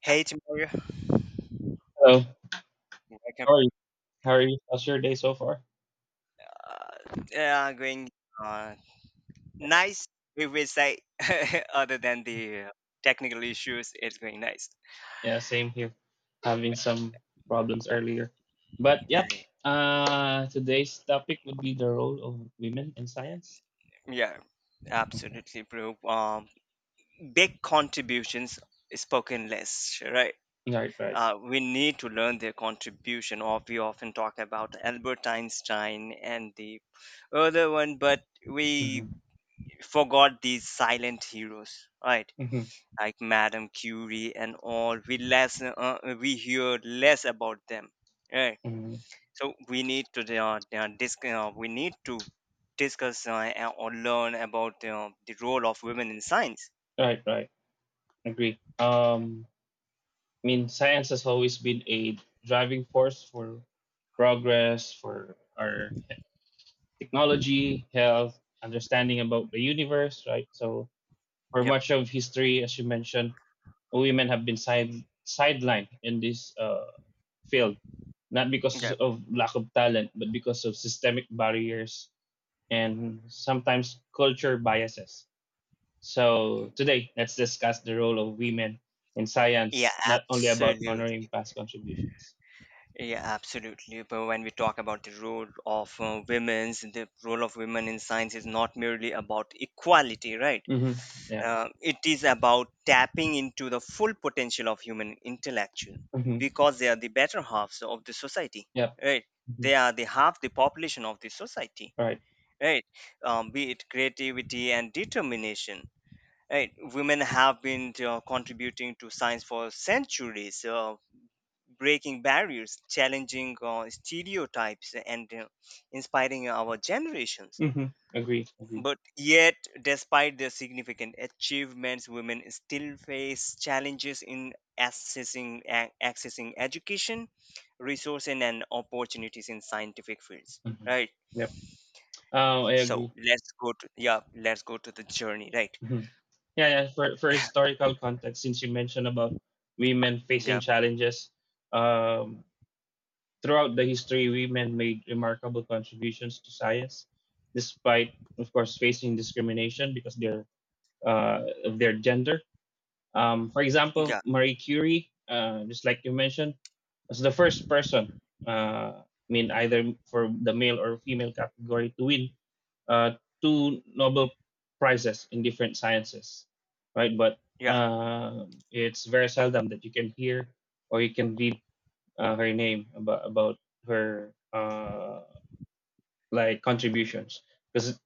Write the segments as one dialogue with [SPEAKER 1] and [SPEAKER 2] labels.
[SPEAKER 1] Hey, Timur.
[SPEAKER 2] Hello.
[SPEAKER 1] Welcome.
[SPEAKER 2] How are you? How's your day so far?
[SPEAKER 1] Yeah, going uh, nice. We will say, other than the technical issues, it's going nice.
[SPEAKER 2] Yeah, same here. Having some problems earlier. But
[SPEAKER 1] Yeah,
[SPEAKER 2] yep. Today's topic would be the role of women in science.
[SPEAKER 1] yeah,
[SPEAKER 2] Okay.
[SPEAKER 1] absolutely, bro. Big contributions spoken less, right?
[SPEAKER 2] Right, right.
[SPEAKER 1] We need to learn their contribution. Or we often talk about Albert Einstein and the other one, but we
[SPEAKER 2] Mm-hmm.
[SPEAKER 1] forgot these silent heroes, right?
[SPEAKER 2] Mm-hmm.
[SPEAKER 1] Like Madame Curie and all. We less we hear less about them, right?
[SPEAKER 2] Mm-hmm.
[SPEAKER 1] So we need to we need to discuss or learn about the role of women in science.
[SPEAKER 2] Right, right. Agree. I mean, science has always been a driving force for progress, for our technology, health, understanding about the universe, right? So for
[SPEAKER 1] Yep.
[SPEAKER 2] much of history, as you mentioned, women have been sidelined in this field, not because
[SPEAKER 1] Yep.
[SPEAKER 2] of lack of talent, but because of systemic barriers and sometimes culture biases. So today, let's discuss the role of women in
[SPEAKER 1] Yeah,
[SPEAKER 2] science, not only about
[SPEAKER 1] absolutely.
[SPEAKER 2] honoring past contributions.
[SPEAKER 1] Yeah, absolutely. But when we talk about the role of women in science is not merely about equality, right?
[SPEAKER 2] Mm-hmm. Yeah.
[SPEAKER 1] Uh, it is about tapping into the full potential of human intellectual,
[SPEAKER 2] Mm-hmm.
[SPEAKER 1] because they are the better halves of the society,
[SPEAKER 2] Yep.
[SPEAKER 1] right.
[SPEAKER 2] Mm-hmm.
[SPEAKER 1] They are the half the population of the society,
[SPEAKER 2] All right.
[SPEAKER 1] right. Um, be it creativity and determination, right. Women have been contributing to science for centuries, breaking barriers, challenging stereotypes, and inspiring our generations.
[SPEAKER 2] Mm-hmm. Agree.
[SPEAKER 1] But yet, despite their significant achievements, women still face challenges in accessing education, resources, and opportunities in scientific fields.
[SPEAKER 2] Mm-hmm.
[SPEAKER 1] Right.
[SPEAKER 2] Yep. Oh, I
[SPEAKER 1] So
[SPEAKER 2] agree.
[SPEAKER 1] let's go to the journey. Right.
[SPEAKER 2] Mhm. Yeah. For historical context, since you mentioned about women facing
[SPEAKER 1] Yeah.
[SPEAKER 2] challenges, um, throughout the history, women made remarkable contributions to science, despite, of course, facing discrimination because their of their gender. For example,
[SPEAKER 1] Yeah.
[SPEAKER 2] Marie Curie, just like you mentioned, was the first person, I mean, either for the male or female category to win uh, two Nobel prizes in different sciences, right? But
[SPEAKER 1] Yeah.
[SPEAKER 2] it's very seldom that you can hear or you can read her name about her. Like contributions because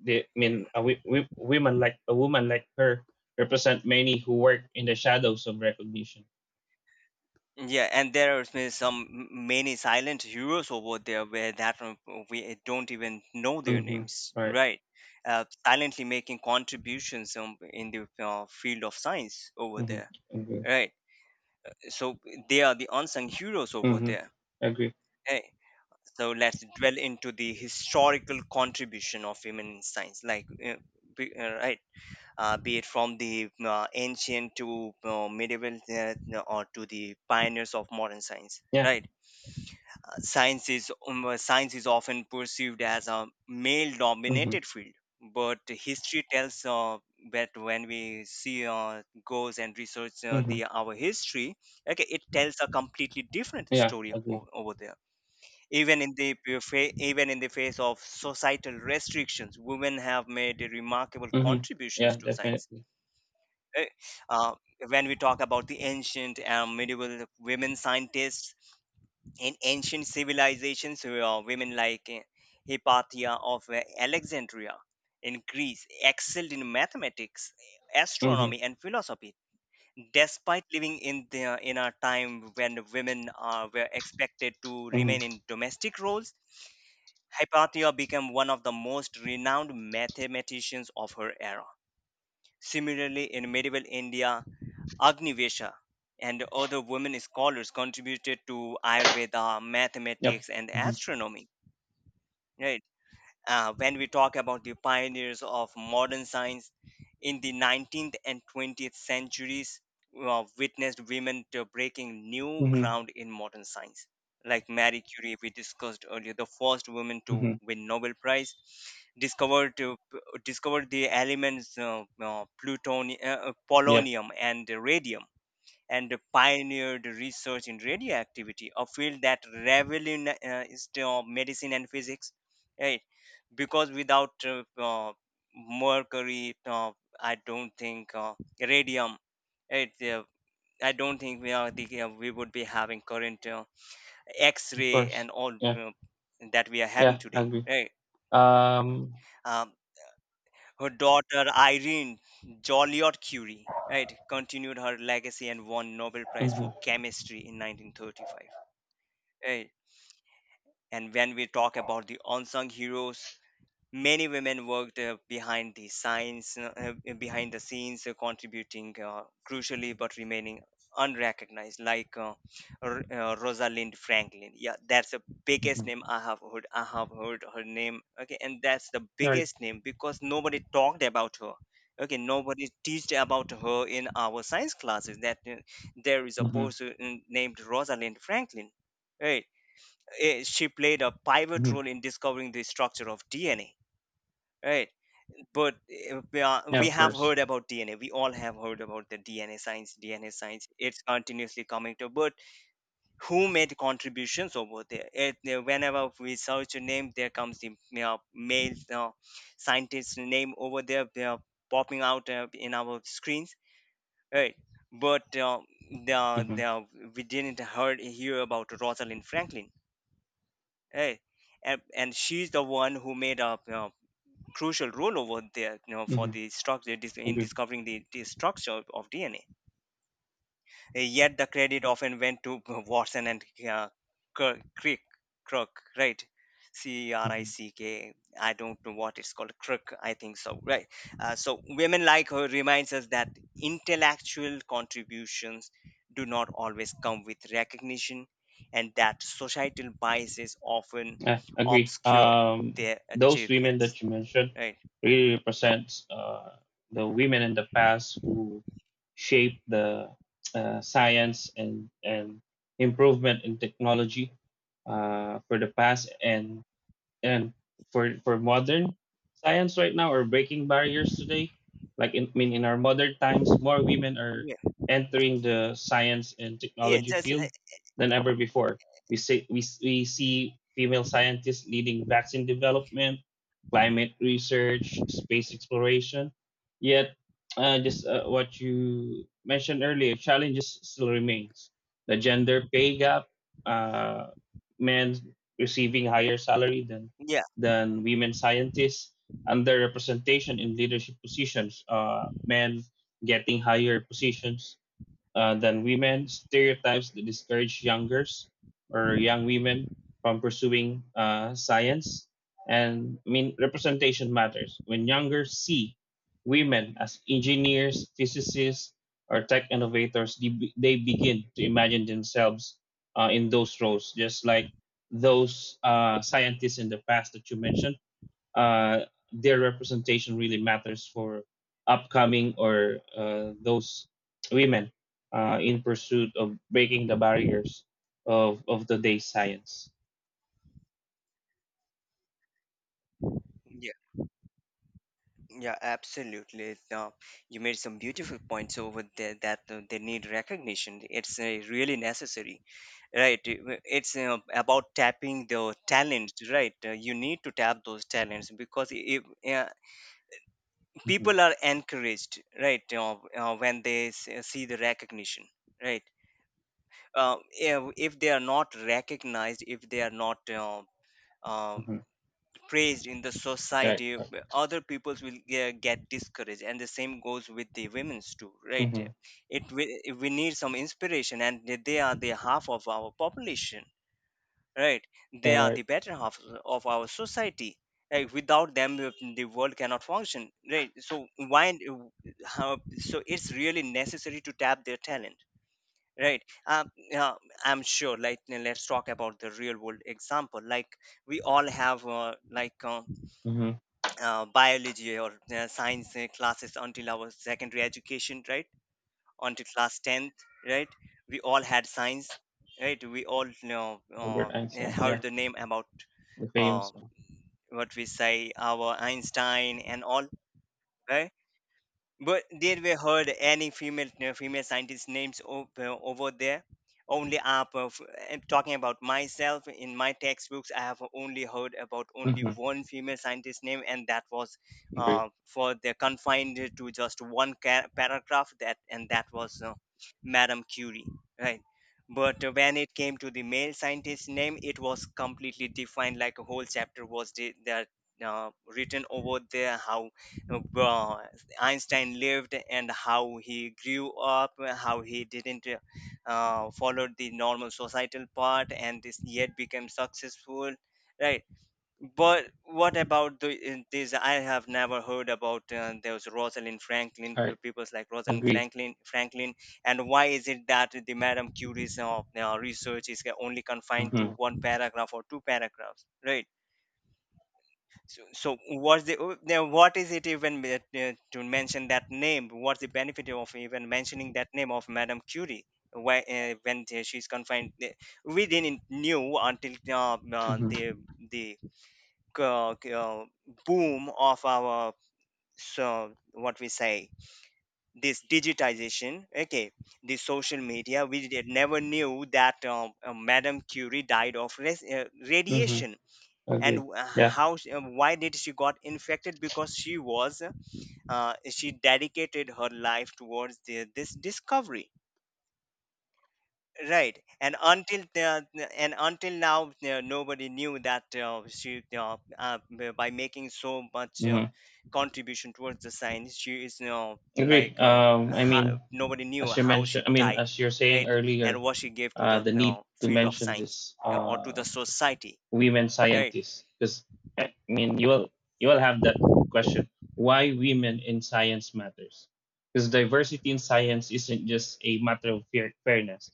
[SPEAKER 2] they I mean a, wo- wo- women like a woman like her represent many who work in the shadows of recognition.
[SPEAKER 1] Yeah, and there are some many silent heroes over there where that we don't even know their
[SPEAKER 2] Mm-hmm.
[SPEAKER 1] names,
[SPEAKER 2] Right.
[SPEAKER 1] right? Silently making contributions in the field of science over
[SPEAKER 2] Mm-hmm.
[SPEAKER 1] there,
[SPEAKER 2] Agree.
[SPEAKER 1] right? So they are the unsung heroes over
[SPEAKER 2] Mm-hmm.
[SPEAKER 1] there.
[SPEAKER 2] Agree.
[SPEAKER 1] Hey, so let's dwell into the historical contribution of women in science, like be, uh, right, be it from the ancient to medieval or to the pioneers of modern science,
[SPEAKER 2] Yeah.
[SPEAKER 1] right? Science is often perceived as a male
[SPEAKER 2] Mm-hmm.
[SPEAKER 1] dominated field, but history tells that when we see goes and research
[SPEAKER 2] Mm-hmm.
[SPEAKER 1] the our history, okay, it tells a completely different
[SPEAKER 2] Yeah.
[SPEAKER 1] story
[SPEAKER 2] Agree.
[SPEAKER 1] over there. Even in the even in the face of societal restrictions, women have made remarkable
[SPEAKER 2] Mm-hmm. Yeah.
[SPEAKER 1] contributions to science.
[SPEAKER 2] Definitely.
[SPEAKER 1] Eh, uh, when we talk about the ancient and medieval women scientists in ancient civilizations, women like Hypatia of Alexandria in Greece excelled in mathematics,
[SPEAKER 2] Mm-hmm.
[SPEAKER 1] astronomy, and philosophy, despite living in in a time when women were expected to
[SPEAKER 2] Mm-hmm.
[SPEAKER 1] remain in domestic roles. Hypatia became one of the most renowned mathematicians of her era. Similarly, in medieval India, Agnivesha and other women scholars contributed to Ayurveda,
[SPEAKER 2] Yep.
[SPEAKER 1] mathematics, and
[SPEAKER 2] Mm-hmm.
[SPEAKER 1] astronomy. Right? When we talk about the pioneers of modern science in the 19th and 20th centuries, witnessed women to breaking new
[SPEAKER 2] Mm-hmm.
[SPEAKER 1] ground in modern science. Like Marie Curie, we discussed earlier, the first woman to
[SPEAKER 2] Mm-hmm.
[SPEAKER 1] win Nobel Prize, discovered uh, p- discovered the elements plutonium,
[SPEAKER 2] Yep.
[SPEAKER 1] polonium, and radium, and pioneered research in radioactivity, a field that revolutionized is the medicine and physics, right? Because without mercury, I don't think radium, right? I don't think we would be having current
[SPEAKER 2] Of
[SPEAKER 1] X-ray
[SPEAKER 2] course.
[SPEAKER 1] and all
[SPEAKER 2] Yeah.
[SPEAKER 1] that we are having
[SPEAKER 2] Yeah.
[SPEAKER 1] today,
[SPEAKER 2] Agree.
[SPEAKER 1] right?
[SPEAKER 2] Um.
[SPEAKER 1] Um, her daughter Irene Joliot Curie, right, continued her legacy and won Nobel Prize
[SPEAKER 2] Mm-hmm.
[SPEAKER 1] for Chemistry in 1935. Eh, And when we talk about the unsung heroes, many women worked behind the scenes, contributing crucially but remaining unrecognized, like Rosalind Franklin. Yeah, that's the biggest
[SPEAKER 2] Mm-hmm.
[SPEAKER 1] name I have heard. I have heard her name. Okay, and that's the
[SPEAKER 2] Right.
[SPEAKER 1] biggest name because nobody talked about her. Okay, nobody teached about her in our science classes. That there is a
[SPEAKER 2] Mm-hmm.
[SPEAKER 1] person named Rosalind Franklin. Hey, she played a pivot
[SPEAKER 2] Mm-hmm.
[SPEAKER 1] role in discovering the structure of DNA. Right, but
[SPEAKER 2] Yeah.
[SPEAKER 1] we
[SPEAKER 2] Of
[SPEAKER 1] have
[SPEAKER 2] course.
[SPEAKER 1] heard about DNA. We all have heard about the DNA science. DNA science. It's continuously coming to. But who made contributions over there? Whenever we search a name, there comes the male scientist name over there. They are popping out in our screens. Right, but the,
[SPEAKER 2] Mm-hmm.
[SPEAKER 1] the, we didn't heard hear about Rosalind Franklin. Hey, and she's the one who made a crucial role over there, for
[SPEAKER 2] Mm-hmm.
[SPEAKER 1] the in
[SPEAKER 2] Agree.
[SPEAKER 1] discovering the structure of DNA. Yet the credit often went to Watson and uh, Crick, Crook, right? C R I
[SPEAKER 2] Mm-hmm.
[SPEAKER 1] C K. I don't know what it's called. Crook, I think so, right? So women like her reminds us that intellectual contributions do not always come with recognition, and that societal biases often
[SPEAKER 2] Yeah, agree.
[SPEAKER 1] obscure their
[SPEAKER 2] Those women
[SPEAKER 1] achievements,
[SPEAKER 2] that you mentioned
[SPEAKER 1] right?
[SPEAKER 2] really represent the women in the past who shaped the science and improvement in technology for the past, and for modern science right now, or breaking barriers today. Like I mean, in our modern times more women are
[SPEAKER 1] Yeah,
[SPEAKER 2] entering the science and
[SPEAKER 1] yeah,
[SPEAKER 2] technology
[SPEAKER 1] just
[SPEAKER 2] field
[SPEAKER 1] like
[SPEAKER 2] than ever before. We see female scientists leading vaccine development, climate research, space exploration. Yet just what you mentioned earlier, challenges still remains the gender pay gap, uh, men receiving higher salary
[SPEAKER 1] yeah,
[SPEAKER 2] than women scientists, underrepresentation in leadership positions, men getting higher positions than women, stereotypes that discourage youngers or young women from pursuing science. And I mean, representation matters. When younger see women as engineers, physicists, or tech innovators, they begin to imagine themselves in those roles, just like those scientists in the past that you mentioned. uh, their representation really matters for upcoming, or those women in pursuit of breaking the barriers of today's science.
[SPEAKER 1] yeah. Yeah, absolutely. You made some beautiful points over there that they need recognition. It's really necessary, right? It's about tapping the talents, right? You need to tap those talents because if uh,
[SPEAKER 2] Mm-hmm.
[SPEAKER 1] people are encouraged, right, see the recognition, right? If they are not recognized, if they are not um
[SPEAKER 2] Mm-hmm.
[SPEAKER 1] praised in the
[SPEAKER 2] Right.
[SPEAKER 1] society,
[SPEAKER 2] right.
[SPEAKER 1] other peoples will get discouraged, and the same goes with the women's too, right.
[SPEAKER 2] Mm-hmm.
[SPEAKER 1] It, we need some inspiration, and they are the half of our population, right.
[SPEAKER 2] Yeah,
[SPEAKER 1] They are
[SPEAKER 2] right.
[SPEAKER 1] the better half of our society. Like without them, the world cannot function, right. So why, how, so it's really necessary to tap their talent, right. um, yeah, I'm sure, like, let's talk about the real world example. Like we all have like uh,
[SPEAKER 2] Mm-hmm.
[SPEAKER 1] biology or science classes until our secondary education, right? Until class 10th, right? We all had science, right? We all know,
[SPEAKER 2] Albert
[SPEAKER 1] yeah,
[SPEAKER 2] Einstein.
[SPEAKER 1] heard
[SPEAKER 2] Yeah,
[SPEAKER 1] the name about
[SPEAKER 2] the
[SPEAKER 1] uh,
[SPEAKER 2] famous one.
[SPEAKER 1] what we say, our Einstein and all, right? But did we heard any female scientist names over there? Only up of I'm talking about myself. In my textbooks, I have only heard about only
[SPEAKER 2] Mm-hmm.
[SPEAKER 1] one female scientist name, and that was
[SPEAKER 2] Agree.
[SPEAKER 1] for the confined to just one paragraph. That was Madame Curie, right? But when it came to the male scientist name, it was completely defined. Like a whole chapter was the, that written over there. How uh, Einstein lived and how he grew up, how he didn't follow the normal societal path and this yet became successful, right? But what about the, in this? I have never heard about there Rosalind Franklin,
[SPEAKER 2] All right.
[SPEAKER 1] people like Rosalind
[SPEAKER 2] Agree.
[SPEAKER 1] Franklin, Franklin, And why is it that the Madame Curie's research is only confined
[SPEAKER 2] Mm-hmm.
[SPEAKER 1] to one paragraph or two paragraphs, right? So, so what's the oh, now? What is it even that, to mention that name? What's the benefit of even mentioning that name of Madame Curie? Why, she's confined, we didn't knew until
[SPEAKER 2] Mm-hmm.
[SPEAKER 1] the uh, uh, boom of our, so what we say, this digitization. Okay, the social media. We did, never knew that Madame Curie died of
[SPEAKER 2] Mm-hmm.
[SPEAKER 1] radiation, and
[SPEAKER 2] Agreed. Yeah.
[SPEAKER 1] how she, why did she got infected, because she was she dedicated her life towards this discovery, right. And until the, and until now, nobody knew that by making so much
[SPEAKER 2] Mm-hmm.
[SPEAKER 1] contribution towards the science, she is, you know,
[SPEAKER 2] Agree.
[SPEAKER 1] like, how, nobody knew how she
[SPEAKER 2] I mean,
[SPEAKER 1] died,
[SPEAKER 2] as you're saying
[SPEAKER 1] right. And
[SPEAKER 2] earlier,
[SPEAKER 1] what she gave to the,
[SPEAKER 2] the
[SPEAKER 1] you
[SPEAKER 2] need
[SPEAKER 1] know,
[SPEAKER 2] to
[SPEAKER 1] field of
[SPEAKER 2] mention
[SPEAKER 1] science,
[SPEAKER 2] this
[SPEAKER 1] or to the society,
[SPEAKER 2] women
[SPEAKER 1] right.
[SPEAKER 2] scientists, because I mean, you will have that question: why women in science matters? Because diversity in science isn't just a matter of fairness;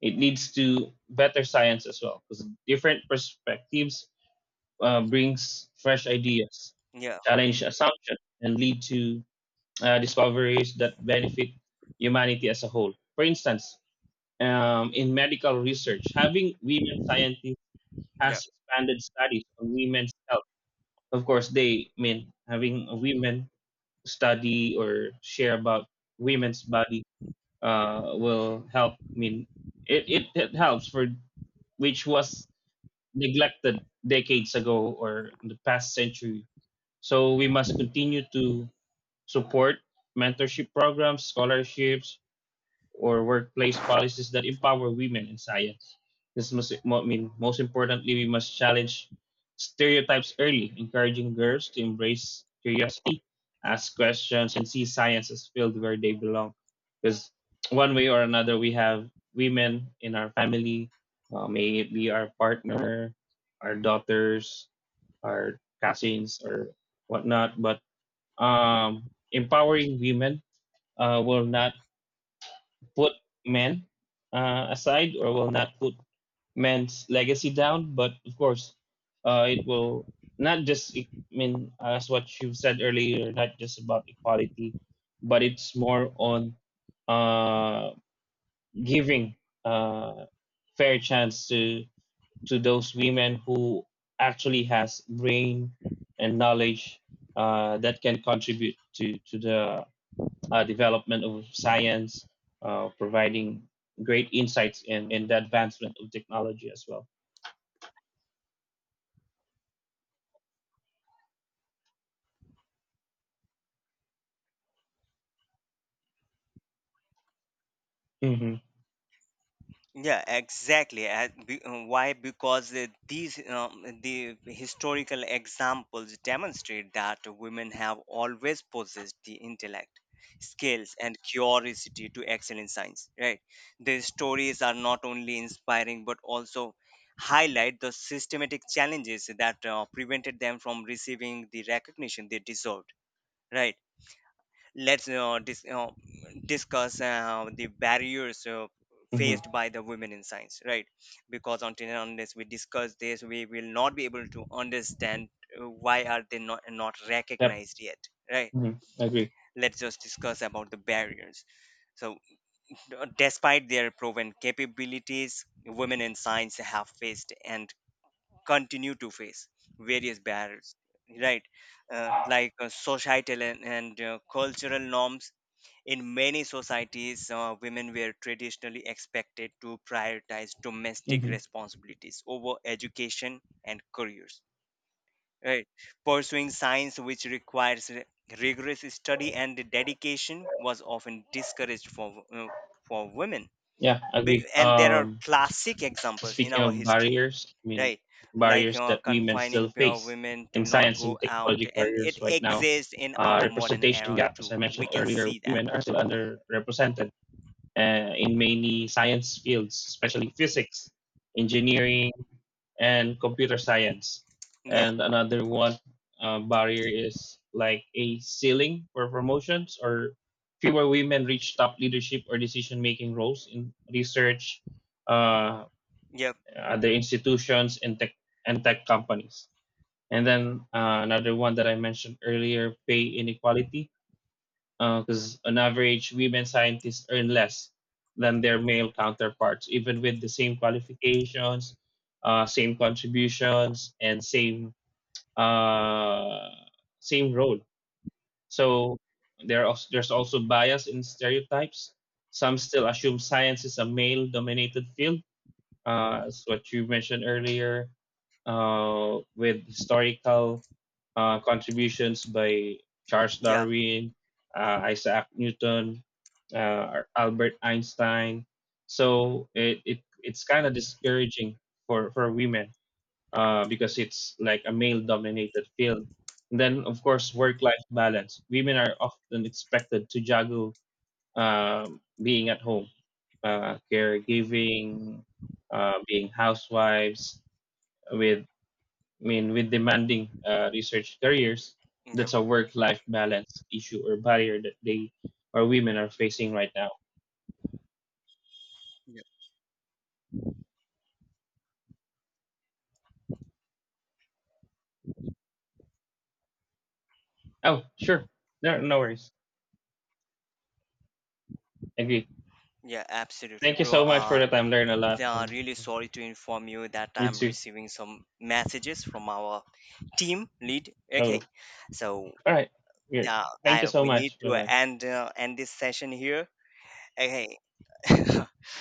[SPEAKER 2] it leads to better science as well. Because different perspectives brings fresh ideas,
[SPEAKER 1] Yeah,
[SPEAKER 2] challenge assumptions, and lead to discoveries that benefit humanity as a whole. For instance, in medical research, having women scientists
[SPEAKER 1] yeah.
[SPEAKER 2] has expanded studies on women's health. Of course, they mean having women study or share about women's body will help. I mean, it helps for which was neglected decades ago or in the past century. So we must continue to support mentorship programs, scholarships, or workplace policies that empower women in science. I mean, most importantly, we must challenge stereotypes early, encouraging girls to embrace curiosity, ask questions, and see science as field where they belong. Because one way or another, we have women in our family, may it be our partner, our daughters, our cousins, or whatnot. But empowering women will not put men aside or will not put men's legacy down. But of course, it will not just, I mean, as what you said earlier, not just about equality, but it's more on uh, giving uh, fair chance to those women who actually has brain and knowledge that can contribute to the development of science, providing great insights in the advancement of technology as well. hmm
[SPEAKER 1] Yeah, exactly. Why? Because the historical examples demonstrate that women have always possessed the intellect, skills, and curiosity to excel in science. Right? Their stories are not only inspiring but also highlight the systematic challenges that prevented them from receiving the recognition they deserved. Right? Let's discuss the barriers
[SPEAKER 2] hmm
[SPEAKER 1] faced by the women in science, right. Because until and unless we discuss this, we will not be able to understand why are they not
[SPEAKER 2] Yep.
[SPEAKER 1] recognized yet, right.
[SPEAKER 2] hmm Agree.
[SPEAKER 1] Let's just discuss about the barriers. So despite their proven capabilities, women in science have faced and continue to face various barriers, right. Societal and, and cultural norms. In many societies, women were traditionally expected to prioritize domestic
[SPEAKER 2] hmm
[SPEAKER 1] responsibilities over education and careers. Right? Pursuing science, which requires rigorous study and dedication, was often discouraged for women.
[SPEAKER 2] Yeah,
[SPEAKER 1] Be-
[SPEAKER 2] agree.
[SPEAKER 1] And there are classic examples in
[SPEAKER 2] Speaking
[SPEAKER 1] our
[SPEAKER 2] of
[SPEAKER 1] history,
[SPEAKER 2] barriers, I mean,
[SPEAKER 1] right? Like
[SPEAKER 2] barriers that women
[SPEAKER 1] confining
[SPEAKER 2] still
[SPEAKER 1] pure
[SPEAKER 2] face
[SPEAKER 1] women
[SPEAKER 2] in
[SPEAKER 1] to not
[SPEAKER 2] science
[SPEAKER 1] go
[SPEAKER 2] and
[SPEAKER 1] out,
[SPEAKER 2] technology
[SPEAKER 1] and it
[SPEAKER 2] careers right now.
[SPEAKER 1] exists in our modern
[SPEAKER 2] Representation
[SPEAKER 1] era
[SPEAKER 2] gap, as
[SPEAKER 1] too.
[SPEAKER 2] I
[SPEAKER 1] We
[SPEAKER 2] mentioned
[SPEAKER 1] can
[SPEAKER 2] earlier,
[SPEAKER 1] see that.
[SPEAKER 2] women are still underrepresented in many science fields, especially physics, engineering, and computer science.
[SPEAKER 1] Yeah.
[SPEAKER 2] And another one barrier is like a ceiling for promotions, or fewer women reach top leadership or decision making roles in research, uh,
[SPEAKER 1] Yeah.
[SPEAKER 2] other institutions, and tech companies. And then another one that I mentioned earlier, pay inequality, because on average, women scientists earn less than their male counterparts, even with the same qualifications, same contributions, and uh, same role. So there are, there's also bias in stereotypes. Some still assume science is a male-dominated field, as what you mentioned earlier, with historical contributions by Charles
[SPEAKER 1] Yeah.
[SPEAKER 2] Darwin, Isaac Newton, Albert Einstein. So it's kind of discouraging for women because it's like a male dominated field. And then of course work life balance. Women are often expected to juggle uh, being at home, caregiving, being housewives with, I mean, with demanding research careers.
[SPEAKER 1] Yep.
[SPEAKER 2] That's a work-life balance issue or barrier that they or women are facing right now.
[SPEAKER 1] Yep.
[SPEAKER 2] Oh, sure, no worries. Agree.
[SPEAKER 1] Yeah, absolutely,
[SPEAKER 2] Thank you
[SPEAKER 1] bro.
[SPEAKER 2] so much for the time. Learn a
[SPEAKER 1] They
[SPEAKER 2] lot,
[SPEAKER 1] are
[SPEAKER 2] and
[SPEAKER 1] really sorry to inform you that
[SPEAKER 2] you
[SPEAKER 1] I'm
[SPEAKER 2] too.
[SPEAKER 1] receiving some messages from our team lead.
[SPEAKER 2] Oh,
[SPEAKER 1] Okay, so
[SPEAKER 2] all right. Great. Thank you
[SPEAKER 1] I
[SPEAKER 2] so
[SPEAKER 1] we need
[SPEAKER 2] much. Bye
[SPEAKER 1] to
[SPEAKER 2] bye.
[SPEAKER 1] end this session here. Okay,